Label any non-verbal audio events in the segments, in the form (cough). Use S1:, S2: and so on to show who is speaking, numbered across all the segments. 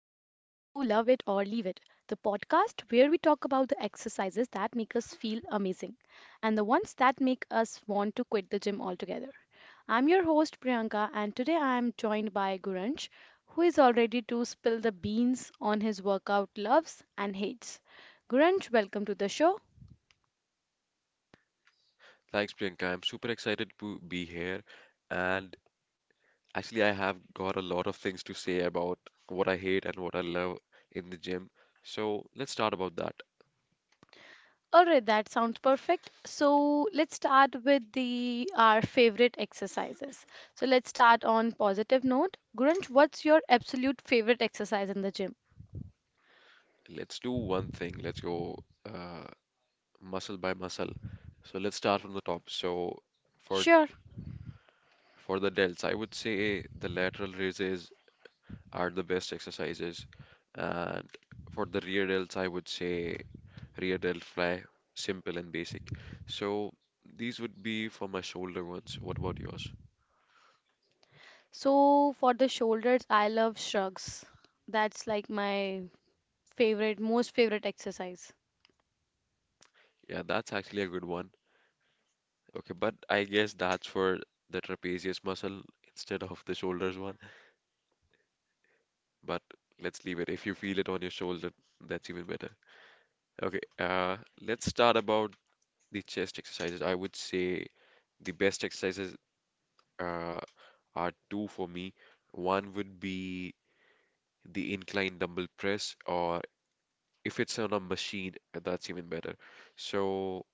S1: the podcast where we talk about the exercises that make us feel amazing and the ones that make us want to quit the gym altogether. I'm your host Priyanka, and today I am joined by Guranj, who is all ready to spill the beans on his workout loves and hates. Guranj, welcome to the show.
S2: Thanks, Priyanka. I'm super excited to be here. And actually, I have got a lot of things to say about what I hate and what I love in the gym. So let's start about that.
S1: All right, that sounds perfect. So let's start with the our favorite exercises. So let's start on positive note. Gurunch, what's your absolute favorite exercise in the gym?
S2: Let's do one thing. Let's go uh, muscle by muscle. So let's start from the top. So for
S1: Sure.
S2: for the delts, I would say the lateral raises are the best exercises, and for the rear delts, I would say rear delt fly, simple and basic. So these would be for my shoulder ones. What about yours?
S1: So for the shoulders, I love shrugs. That's like my favorite, most favorite exercise.
S2: Yeah, that's actually a good one. Okay, but I guess that's for the trapezius muscle instead of the shoulders one. But let's leave it. If you feel it on your shoulder, that's even better. Okay, let's start about the chest exercises. I would say the best exercises uh, are two for me. One would be the incline dumbbell press or if it's on a machine, that's even better. So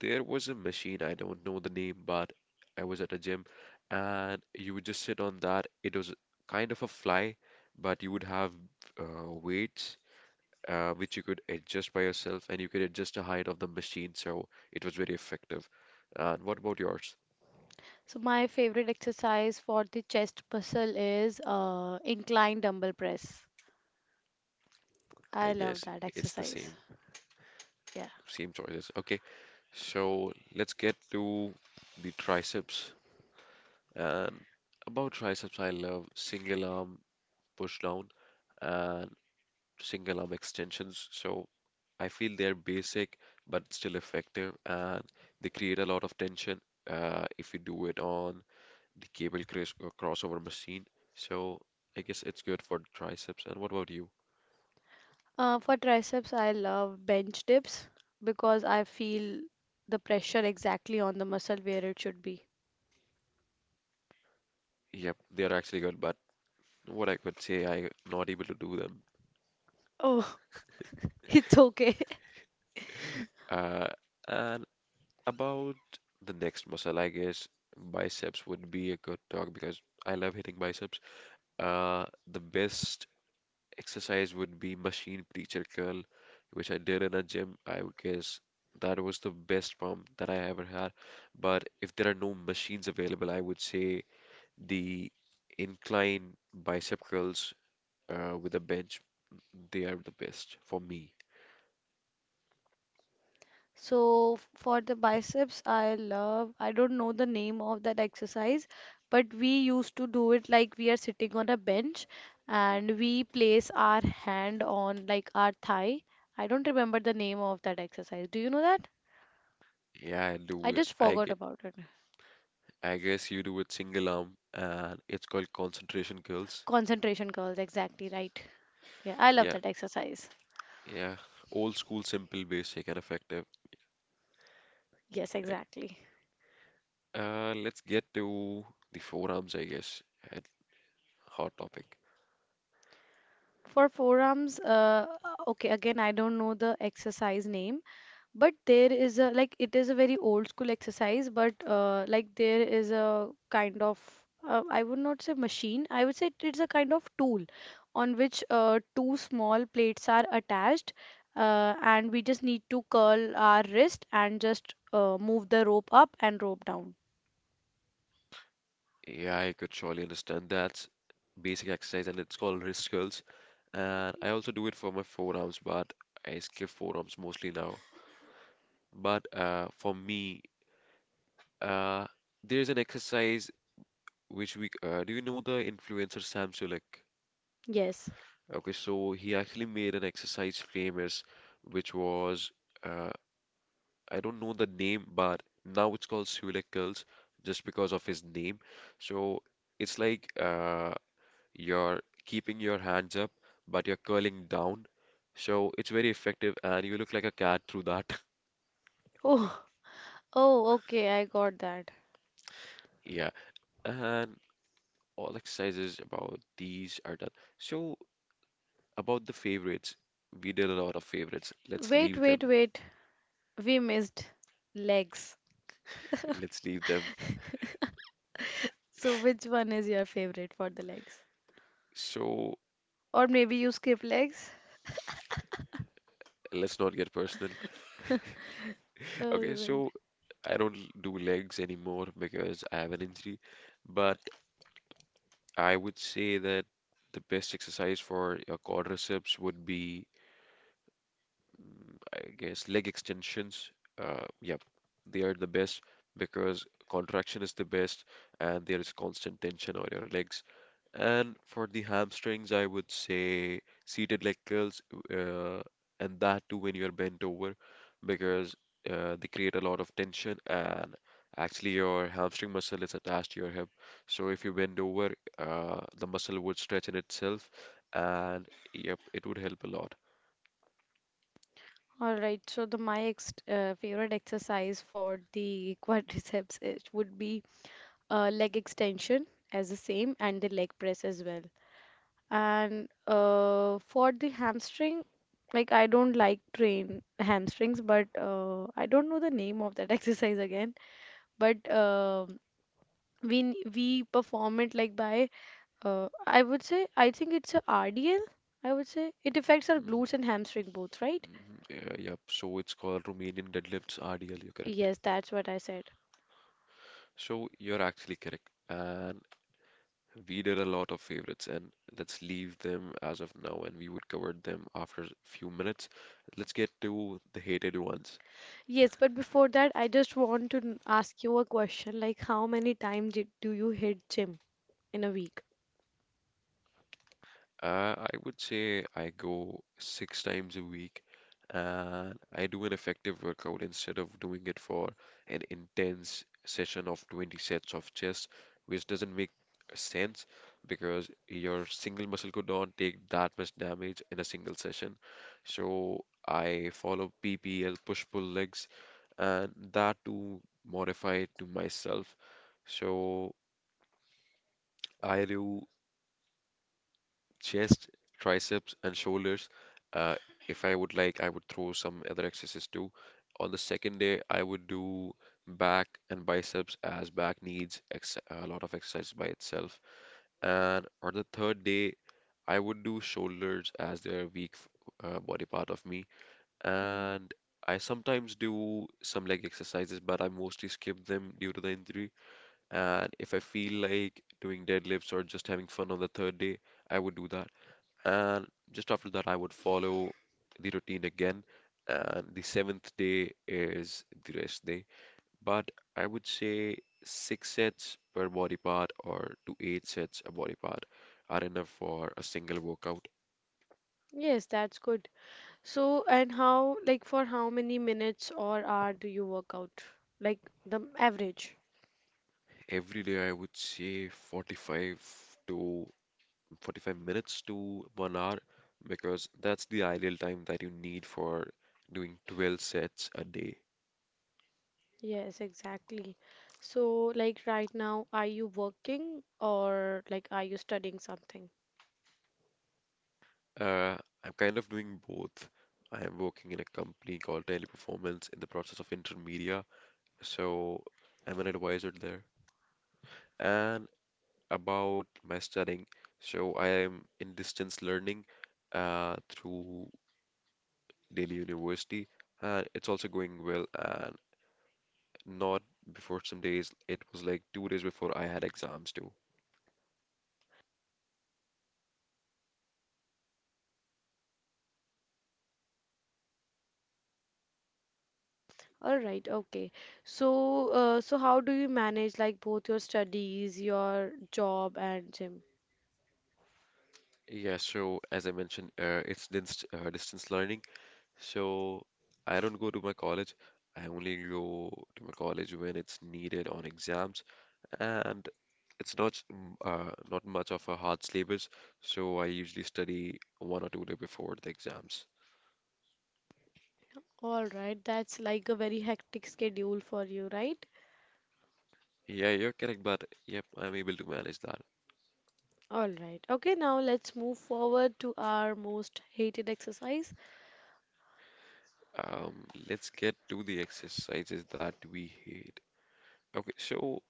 S2: there was a machine, I don't know the name, but I was at a gym and you would just sit on that. It was kind of a fly, but you would have weights which you could adjust by yourself and you could adjust the height of the machine. So it was very effective. And what about yours?
S1: So my favorite exercise for the chest muscle is incline dumbbell press.
S2: I
S1: I love
S2: guess
S1: that
S2: it's the
S1: exercise.
S2: same,
S1: Yeah.
S2: same choices. Okay, so let's get to the triceps. And about triceps, I love single arm push down and single arm extensions. So I feel they're basic but still effective, and they create a lot of tension if you do it on the cable cross crossover machine. So I guess it's good for triceps. And what about you?
S1: For triceps, I love bench dips because I feel the pressure exactly on the muscle where it should be.
S2: Yep, they're actually good, but what I could say, I'm not able to do them.
S1: Oh, (laughs) it's okay.
S2: Uh, and about the next muscle, I guess biceps would be a good talk because I love hitting biceps. Uh, the best exercise would be machine preacher curl, which I did in a gym. I would guess that was the best pump that I ever had. But if there are no machines available, I would say the incline bicep curls with a bench, they are the best for me.
S1: So for the biceps, I love, I don't know the name of that exercise, but we used to do it like we are sitting on a bench and we place our hand on like our thigh. I don't remember the name of that exercise. Do you know that?
S2: Yeah, I
S1: I
S2: do.
S1: just
S2: I
S1: forgot about it.
S2: I guess you do with single arm, and it's called concentration curls.
S1: Concentration curls, exactly right. Yeah, I love
S2: Yeah,
S1: that exercise.
S2: yeah. Old school, simple, basic, and effective.
S1: Yes, exactly.
S2: Let's get to the forearms, I guess. A Hot topic.
S1: For forearms, okay, again, I don't know the exercise name, but there is a like it is a very old school exercise, but like there is a kind of I would not say machine, I would say it's a kind of tool on which two small plates are attached, and we just need to curl our wrist and just move the rope up and rope down.
S2: Yeah, I could surely understand that's basic exercise, and it's called wrist curls. And I also do it for my forearms, but I skip forearms mostly now. But for me, uh, there's an exercise which we do you know the influencer Sam Sulek?
S1: Yes.
S2: Okay, so he actually made an exercise famous, which was uh, I don't know the name, but now it's called Sulik curls just because of his name. So it's like you're keeping your hands up, but you're curling down. So it's very effective, and you look like a cat through that. (laughs)
S1: Oh, oh, okay, I got that.
S2: Yeah, and all exercises about these are done. So about the favorites, we did a lot of favorites. Let's
S1: Wait,
S2: leave
S1: wait,
S2: them.
S1: wait. We missed legs.
S2: Let's leave them.
S1: So which one is your favorite for the legs?
S2: So.
S1: Or maybe you skip legs?
S2: Let's not get personal.
S1: Oh,
S2: Okay,
S1: right.
S2: so I don't do legs anymore because I have an injury, but I would say that the best exercise for your quadriceps would be, I guess, leg extensions. Yep, they are the best because contraction is the best and there is constant tension on your legs. And for the hamstrings, I would say seated leg curls, uh, and that too when you're bent over, because they create a lot of tension, and actually your hamstring muscle is attached to your hip. So if you bend over, the muscle would stretch in itself, and yep, it would help a lot.
S1: All right. So the my ex favorite exercise for the (laughs) quadriceps it would be leg extension as the same and the leg press as well. And for the hamstring, like I don't like train hamstrings, but I don't know the name of that (laughs) exercise again. But we perform it like by I would say I think it's a RDL. I would say it affects our
S2: Mhm,
S1: glutes and hamstring both, right?
S2: mhm, yeah, yep. So it's called Romanian deadlifts RDL. You're correct.
S1: Yes, that's what I said.
S2: So you're actually correct. And we did a lot of favorites, and let's leave them as of now, and we would cover them after a few minutes. Let's get to the hated ones.
S1: Yes, but before that, I just want to ask you a question like how many times do you hit gym in a week?
S2: I would say I go six times a week, and I do an effective workout instead of doing it for an intense session of 20 sets of chest, which doesn't make sense because your single muscle could not take that much damage in a single session. So I follow PPL push pull legs and that to modify to myself. So I do chest, triceps, and shoulders. Uh, if I would like, I would throw some other exercises too. On the second day, I would do back and biceps as back needs ex a lot of exercise by itself. And on the third day, I would do shoulders as they their weak body part of me. And I sometimes do some leg exercises, but I mostly skip them due to the injury. And if I feel like doing deadlifts or just having fun on the third day, I would do that. And just after that, I would follow the routine again. And the seventh day is the rest day. But I would say six sets per body part or to eight sets a body part are enough for a single workout.
S1: Yes, that's good. So, and how, like, for how many minutes or hour do you work out? Like, the average.
S2: Every day, I would say 45 to 45 minutes to 1 hour because that's the ideal time that you need for doing 12 sets a day.
S1: Yes, exactly. So, like, right now, are you working or, like, are you studying something?
S2: Uh, I'm kind of doing both. I am working in a company called Teleperformance in the process of intermedia, so I'm an advisor there. And about my studying, so I am in distance learning through Delhi University, and it's also going well. And not before some days, it was like 2 days before I had exams too.
S1: All right, okay. So, so how do you manage, like, both your studies, your job, and gym?
S2: Yeah, so as I mentioned, it's distance learning. So I don't go to my college. I only go to my college when it's needed on exams, and it's not not much of a hard syllabus. So I usually study 1 or 2 day before the exams.
S1: All right, that's like a very hectic schedule for you, right?
S2: Yeah, you're correct, but yep, I'm able to manage that.
S1: All right. Okay, now let's move forward to our most hated exercise.
S2: Let's get to the exercises that we hate. Okay, so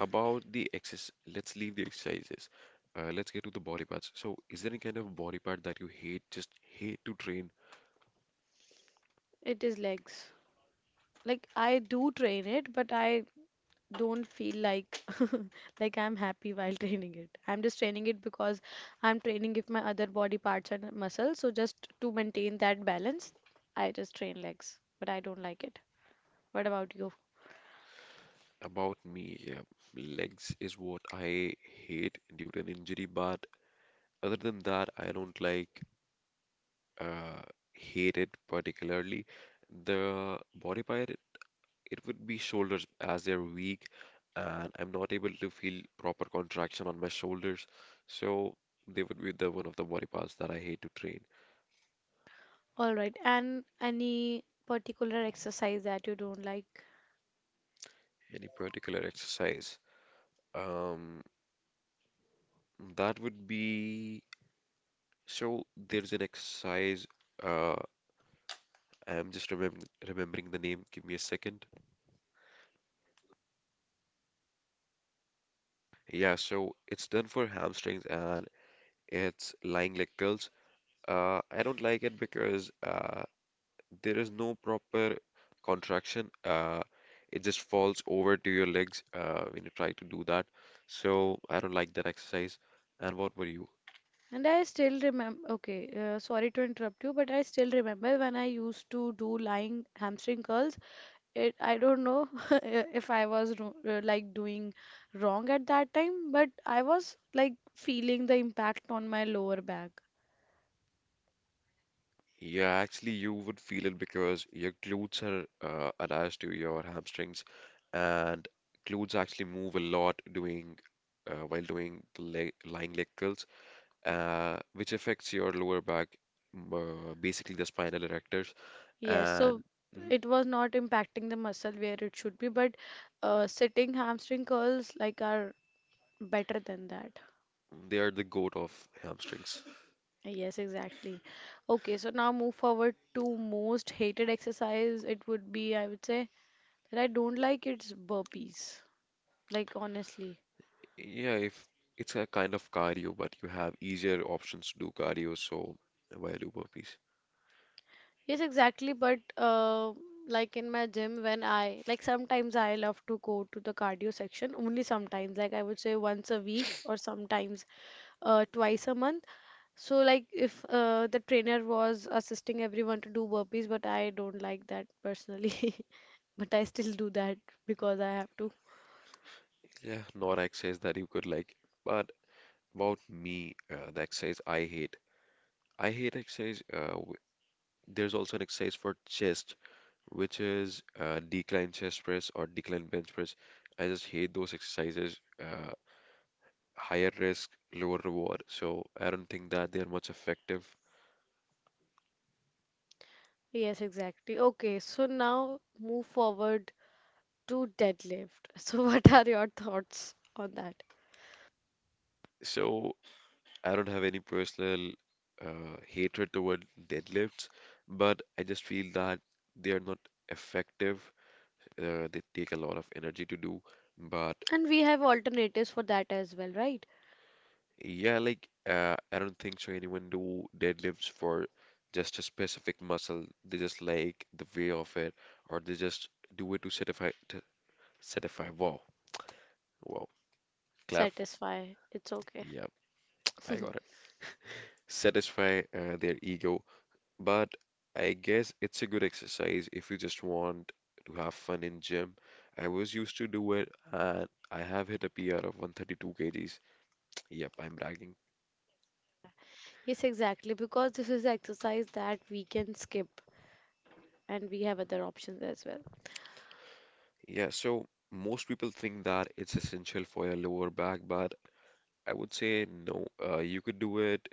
S2: about the exercise, let's leave the exercises. Let's get to the body parts. So, is there any kind of body part that you hate, just hate to train?
S1: It is legs. Like I do train it, but I don't feel like (laughs) like I'm happy while (laughs) training it. I'm just training it because I'm training if my other body parts and muscles. So just to maintain that balance, I just train legs. But I don't like it. What about you?
S2: About me, yeah, legs is what I hate due to an injury, but other than that, I don't uh, hate it particularly. The body part it would be shoulders as they're weak and I'm not able to feel proper contraction on my shoulders. So they would be the one of the body parts that I hate to train.
S1: All right. And any particular exercise that you don't like?
S2: Any particular exercise? Um, that would be, so there's an exercise, uh I'm just remembering the name. Give me a second. Yeah, so it's done for hamstrings and it's lying leg curls. I don't like it because there is no proper contraction. It just falls over to your legs when you try to do that. So I don't like that exercise. And what were you?
S1: And I still remember, okay, sorry to interrupt you, but I still remember when I used to do lying hamstring curls, it I don't know (laughs) if I was like doing wrong at that time, but I was like feeling the impact on my lower back.
S2: Yeah, actually, you would feel it because your glutes are attached to your hamstrings, and glutes actually move a lot doing while doing lying leg curls, which affects your lower back, basically the spinal erectors.
S1: Yes, so
S2: And mhm.
S1: it was not impacting the muscle where it should be, but sitting hamstring curls like are better than that.
S2: They are the goat of hamstrings.
S1: Yes, exactly. Okay, so now move forward to most hated exercise. It would be, I would say that I don't like, it's burpees, like, honestly.
S2: Yeah, if it's a kind of cardio, but you have easier options to do cardio, so why do burpees?
S1: Yes, exactly. But like in my gym, when I like sometimes I love to go to the cardio section only sometimes, like I would say once a week or sometimes twice a month. So, like if the trainer was assisting everyone to do burpees, but I don't like that personally, (laughs) but I still do that because I have to.
S2: Yeah, not exercise that you could like. But about me, the exercise I hate. I hate exercise. There's also an exercise for chest, which is decline chest press or decline bench press. I just hate those exercises. Higher risk, lower reward. So I don't think that they're much effective.
S1: Yes, exactly. Okay, so now move forward to deadlift. (laughs) So, what are your thoughts on that?
S2: So I don't have any personal hatred toward deadlifts, but I just feel that they are not effective. They take a lot of energy to do. But
S1: And we have alternatives for that as well, right?
S2: yeah, like I don't think so anyone do deadlifts for just a specific muscle. They just like the way of it, or they just do it to satisfy. Wow, wow, clap.
S1: Satisfy. It's okay.
S2: Yep, I got it.
S1: (laughs)
S2: Satisfy their ego. But I guess it's a good exercise if you just want to have fun in gym. I was used to do it and I have hit a PR of 132 kgs. Yep, I'm bragging.
S1: Yes, exactly, because this is exercise that we can skip and we have other options as well.
S2: Yeah, so most people think that it's essential for your lower back, but I would say no. You could do it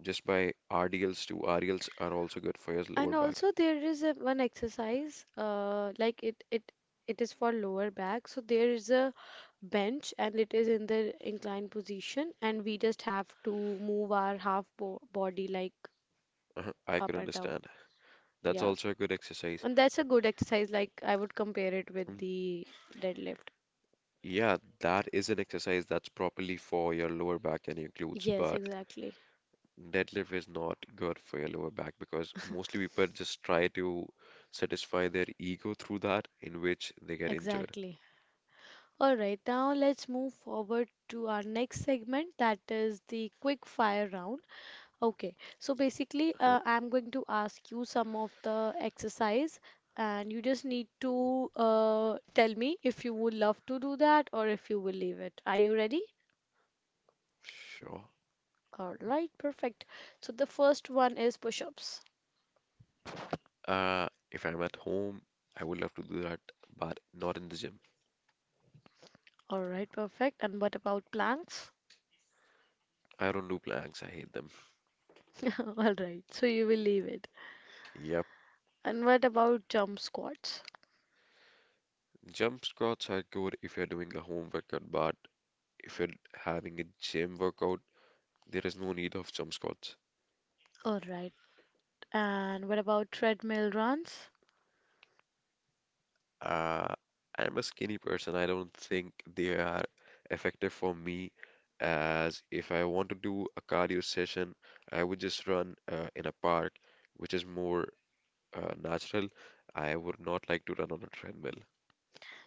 S2: just by RDLs too. RDLs are also good for your lower
S1: And
S2: back.
S1: also there is one exercise like it is for lower back. So there is a bench and it is in the inclined position, and we just have to move our half bo body like
S2: Uh-huh, I could
S1: up and down.
S2: understand. That's
S1: Yeah.
S2: also a good exercise.
S1: And that's a good exercise, like I would compare it with
S2: Mm.
S1: the deadlift.
S2: Yeah, that is an exercise that's properly for your lower back and your glutes,
S1: Yes,
S2: but
S1: exactly.
S2: deadlift is not good for your lower back because mostly people just try to satisfy their ego through that, in which they get injured.
S1: Exactly. All right, now let's move forward to our next segment, that is the quick fire round. Okay, so basically,
S2: Uh-huh.
S1: I'm going to ask you some of the exercise, and you just need to tell me if you would love to do that or if you will leave it. Are you ready?
S2: Sure.
S1: All right, perfect. So the first one is push-ups.
S2: Uh, if I'm at home, I would love to do that, but not in the gym.
S1: All right, perfect. And what about planks?
S2: I don't do planks, I hate them.
S1: (laughs) All right, so you will leave it.
S2: Yeah.
S1: And what about jump squats?
S2: Jump squats are good if you're doing a home workout, but if you're having a gym workout, there is no need of jump squats.
S1: All right, and what about treadmill runs?
S2: Uh, I'm a skinny person. I don't think they are effective for me as if I want to do a cardio session, I would just run in a park, which is more natural. I would not like to run on a treadmill.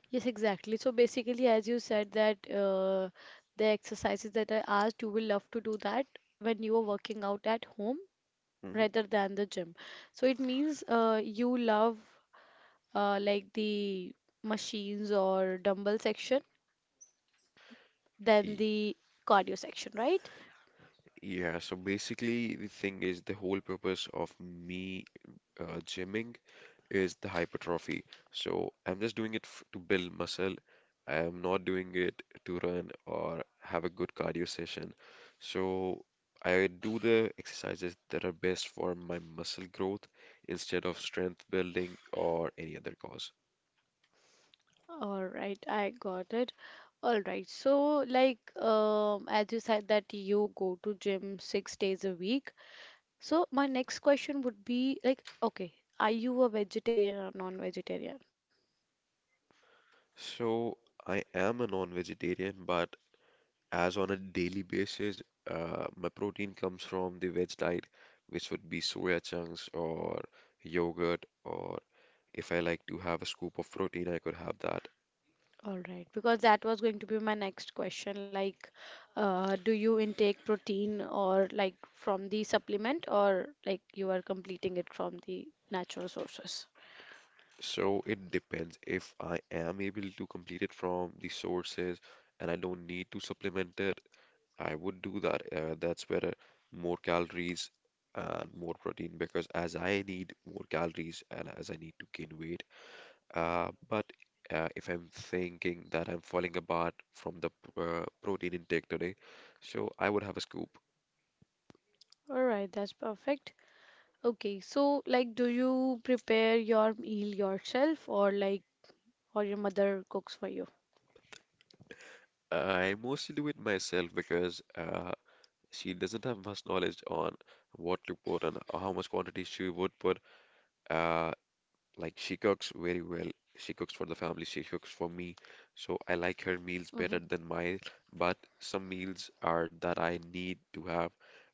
S1: Yes, exactly. So basically, as you said that the exercises that I asked, you will love to do that when you are working out at home
S2: Mhm.
S1: rather than the gym. So it means you love like the machines or dumbbell section than
S2: Y-
S1: the cardio section, right?
S2: Yeah, so basically the thing is the whole purpose of me gymming is the hypertrophy. So I'm just doing it f to build muscle. I am not doing it to run or have a good cardio session. So I do the exercises that are best for my muscle growth instead of strength building or any other cause.
S1: All right, I got it. All right, so like as you said that you go to gym 6 days a week. So my next question would be like, okay, are you a vegetarian or non-vegetarian?
S2: So I am a non-vegetarian, but as on a daily basis, my protein comes from the veg diet, which would be soya chunks or yogurt, or if I like to have a scoop of protein, I could have that.
S1: All right, because that was going to be my next question. Like, do you intake protein or like from the supplement or like you are completing it from the natural sources?
S2: So it depends if I am able to complete it from the sources and I don't need to supplement it, I would do that. That's better. More calories and more protein because as I need more calories and as I need to gain weight. But if I'm thinking that I'm falling apart from the protein intake today, so I would have a scoop.
S1: All right, that's perfect. Okay, so like, do you prepare your meal yourself, or like, or your mother cooks for you?
S2: I mostly do it myself because she doesn't have much knowledge on what to put and how much quantity she would put. Uh, Like she cooks very well. She cooks for the family, she cooks for me. So I like her meals better
S1: Mm-hmm.
S2: than mine, but some meals are that I need to have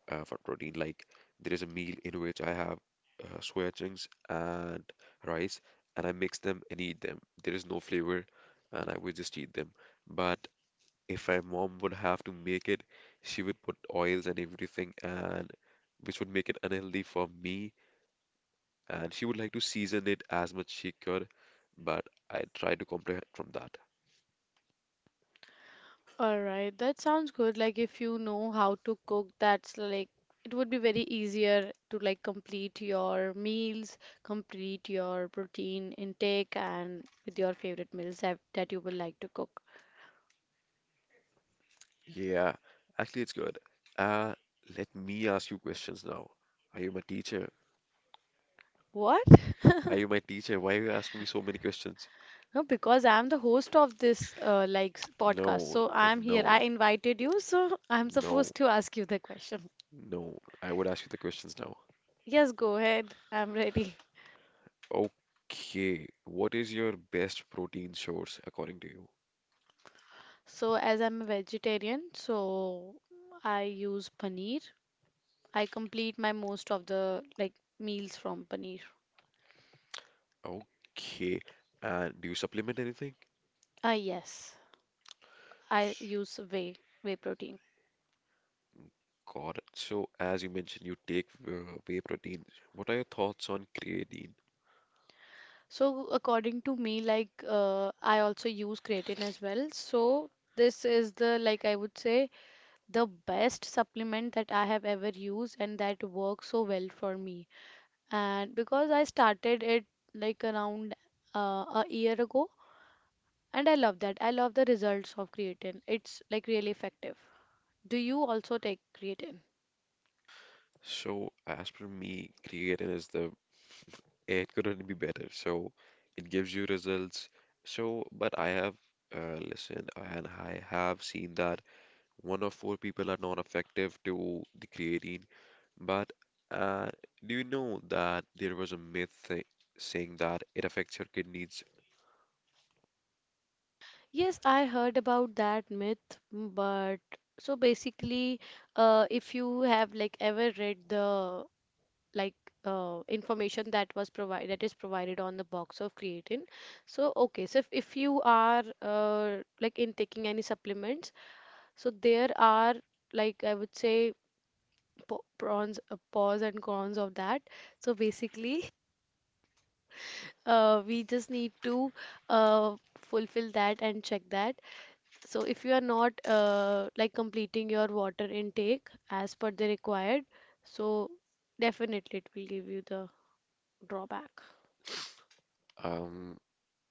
S2: for protein. Like there is a meal in which I have soya chunks and rice, and I mix them and eat them. There is no flavor, and I would just eat them. But if my mom would have to make it, she would put oils and everything, and which would make it unhealthy for me and she would like to season it as much she could, but I try to comprehend from that.
S1: All right, that sounds good. Like if you know how to cook, that's like it would be very easier to like complete your meals, complete your protein intake, and with your favorite meals that you would like to cook.
S2: Yeah, actually, it's good. Uh, Let me ask you questions now. Are you my teacher?
S1: What?
S2: Are
S1: (laughs)
S2: you my teacher? Why are you asking me so many questions?
S1: No, because I'm the host of this like podcast,
S2: No,
S1: so
S2: uh,
S1: I'm here.
S2: no,
S1: I invited you, so (laughs) I'm
S2: no,
S1: supposed to ask you the question.
S2: no. I would ask you the questions now.
S1: Yes, go ahead. I'm ready.
S2: Okay, what is your best protein source according to you?
S1: So, as I'm a vegetarian, so I use paneer. I complete my most of the like meals from paneer.
S2: Okay, and do you supplement anything?
S1: Ah, yes, I use whey protein.
S2: Got so, as you mentioned, you take whey protein. What are your thoughts on creatine?
S1: So, according to me, like I also use creatine as well. So, this is the, like I would say, the best supplement that I have ever used, and that works so well for me. And because I started it like around a year ago. And I love that. I love the results of creatine. It's like really effective. Do you also take creatine?
S2: So, as per me, creatine is the it couldn't be better. So, it gives you results. So, but I have listened and I have seen that one of four people are not effective to the creatine. But uh, do you know that there was a myth saying that it affects your kidneys?
S1: Yes, I heard about that myth, but so basically, if you have like ever read the like information that was provided, that is provided on the box of creatine, so okay, so if you are like in taking any supplements, so there are, like I would say, pros and cons of that. So basically, (laughs) we just need to fulfill that and check that. So if you are not like completing your water intake as per the required, so definitely it will give you the drawback.
S2: Um,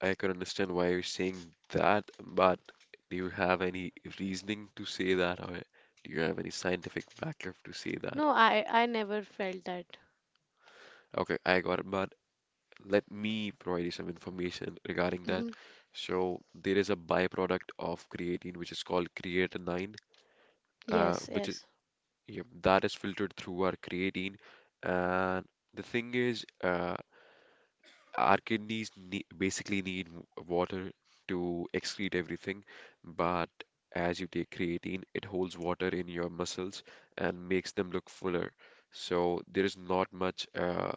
S2: I can understand why you're saying that, but do you have any reasoning to say that, or do you have any scientific backup to say that?
S1: No, I never felt that.
S2: Okay, I got it, but let me provide you some information regarding that.
S1: Hmm.
S2: So there is a byproduct of creatine which is called creatinine,
S1: Yes,
S2: which is
S1: yes.
S2: yep, that is filtered through our creatine, and the thing is, our kidneys basically need water to excrete everything, but as you take creatine, it holds water in your muscles and makes them look fuller. So there is not much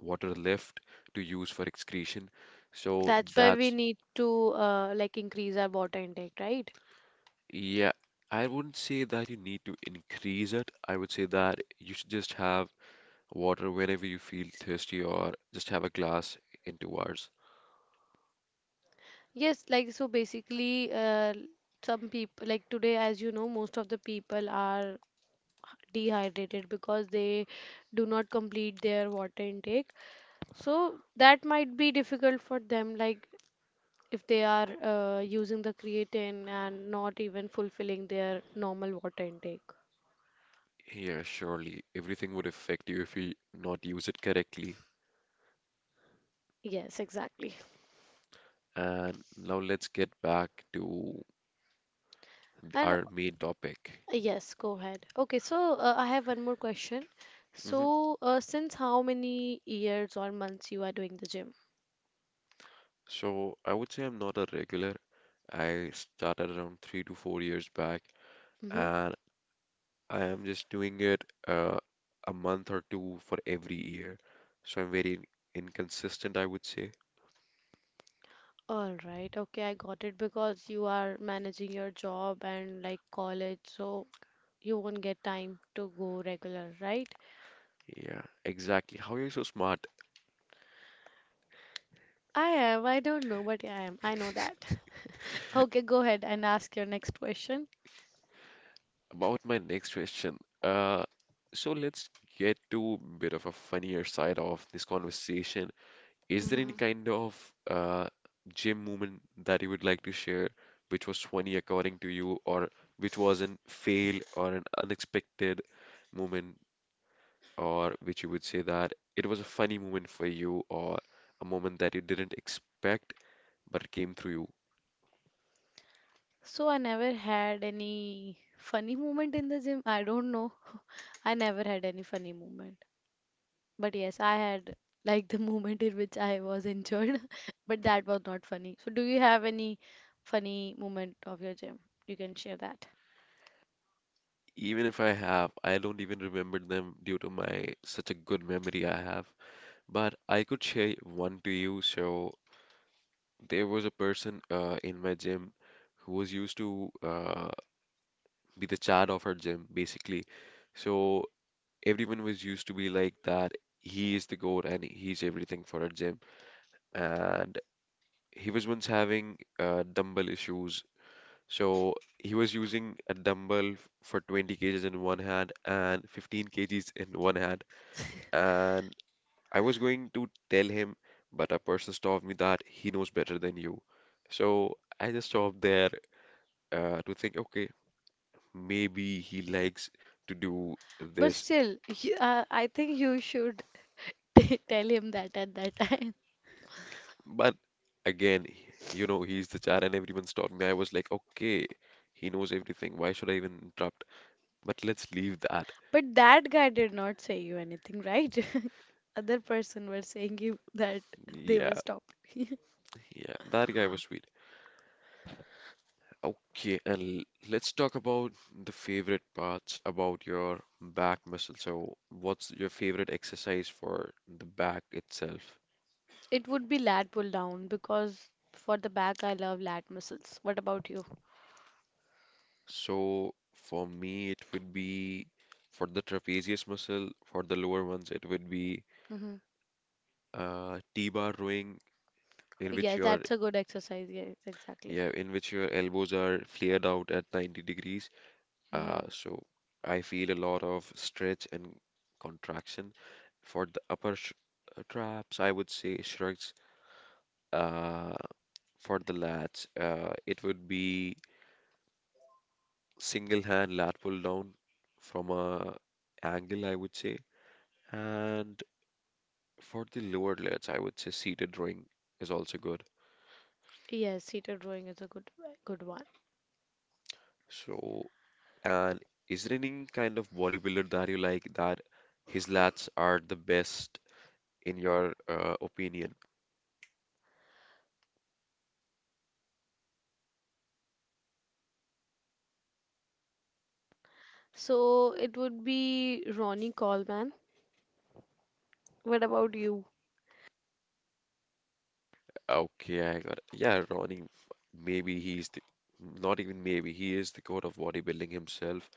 S2: water left to use for excretion. So
S1: That's why we
S2: that's
S1: need to like increase our water intake, right?
S2: yeah, I wouldn't say that you need to increase it. I would say that you should just have water whenever you feel thirsty or just have a glass in 2 hours.
S1: Yes, like so basically some people, like today as you know, most of the people are dehydrated because they do not complete their water intake, so that might be difficult for them, like if they are using the creatine and not even fulfilling their normal water intake.
S2: Yeah, surely everything would affect you if you not use it correctly.
S1: Yes, exactly.
S2: And now let's get back to
S1: And
S2: our main topic.
S1: yes, go ahead. Okay, so I have one more question.
S2: Hmm.
S1: So since how many years or months you are doing the gym?
S2: So I would say I'm not a regular. I started around 3 to 4 years back,
S1: Mm-hmm.
S2: and I am just doing it a month or two for every year. So I'm very inconsistent, I would say.
S1: All right, okay, I got it, because you are managing your job and like college, so you won't get time to go regular, right?
S2: Yeah, exactly. How are you so smart?
S1: I am. I don't know, but I am. I know
S2: (laughs)
S1: that. Okay, go ahead and ask your next question.
S2: About my next question, uh, so let's get to bit of a funnier side of this conversation. Is there any
S1: Hmm.
S2: kind of uh, gym moment that you would like to share, which was funny according to you, or which was an fail or an unexpected moment, or which you would say that it was a funny moment for you, or a moment that you didn't expect but came through you?
S1: So I never had any funny moment in the gym. I don't know. (laughs) I never had any funny moment. But yes, I had like the (laughs) moment in which I was injured, (laughs) but that was not funny. So do you have any funny moment of your gym? You can share that.
S2: Even if I have, I don't even remember them due to my such a good memory I have. But I could share one to you. So there was a person in my gym who was used to be the Chad of her gym, basically. So everyone was used to be like that. He is the goat and he's everything for our gym. And he was once having dumbbell issues. So he was using a dumbbell for 20 kgs in one hand and 15 kgs in one hand. And I was going to tell him, but a person told me that he knows better than you. So I just stopped there to think, okay, maybe he likes to do
S1: But
S2: this.
S1: still, I think you should (laughs) t tell him that at that (laughs) time.
S2: But again, you know, he's the char and everyone stopped me. I was like, okay, he knows everything. Why should I even interrupt? But let's leave that.
S1: But that guy did not say you anything, right? (laughs) Other person were saying you that they were
S2: Yeah,
S1: stopped. (laughs)
S2: yeah, that guy was sweet. Okay, and let's talk about the favorite parts about your back muscle. So, what's your favorite exercise for the back itself?
S1: It would be lat pull down because for the back I love lat muscles. What about you?
S2: So, for me, it would be for the trapezius muscle, for the lower ones, it would be
S1: Hmm.
S2: T-bar rowing, in which
S1: Yes,
S2: your
S1: that's a good exercise. Yes, exactly.
S2: yeah, in which your elbows are flared out at 90 degrees. Uh,
S1: Hmm.
S2: so I feel a lot of stretch and contraction for the upper sh traps. I would say shrugs. Uh, for the lats, it would be single hand lat pull down from a angle, I would say. And for the lower lats, I would say seated rowing is also good.
S1: Yes, seated rowing is a good one.
S2: So, and is there any kind of bodybuilder that you like that his lats are the best in your opinion?
S1: So it would be Ronnie Coleman. What about you?
S2: Okay, I got it. Yeah, Ronnie, maybe he's the, not even maybe, he is the god of bodybuilding himself.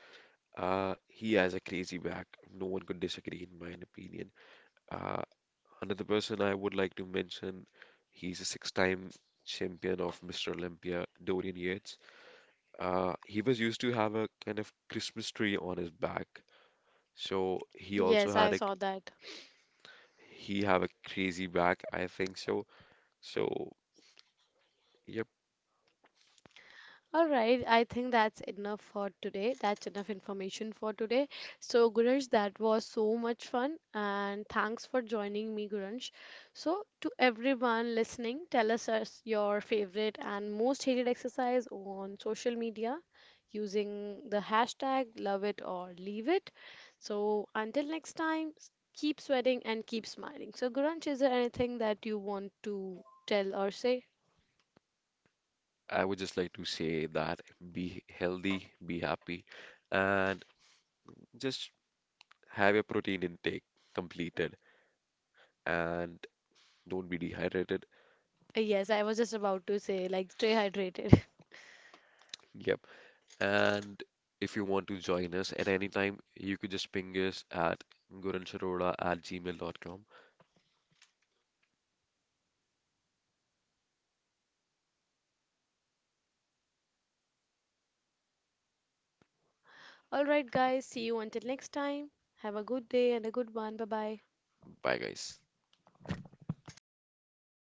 S2: He has a crazy back. No one could disagree, in my opinion. Uh, Another person I would like to mention, he's a six-time champion of Mr. Olympia, Dorian Yates. He was used to have a kind of Christmas tree on his back, so he also
S1: Yes, I
S2: had a
S1: saw that.
S2: he have a crazy back, I think so. So, yep.
S1: All right, I think that's enough for today. That's enough information for today. So, Guranj, that was so much fun, and thanks for joining me, Guranj. So, to everyone listening, tell us your favorite and most hated exercise on social media using the hashtag love it or leave it. So, until next time, keep sweating and keep smiling. So, Guranj, is there anything that you want to tell or say?
S2: I would just like to say that be healthy, be happy, and just have your protein intake completed and don't be dehydrated.
S1: Yes, I was just about to say, like, stay hydrated.
S2: Yep. And if you want to join us at any time, you could just ping us at guransharoda@gmail.com.
S1: Alright, guys, see you until next time. Have a good day and a good one. Bye bye.
S2: Bye, guys.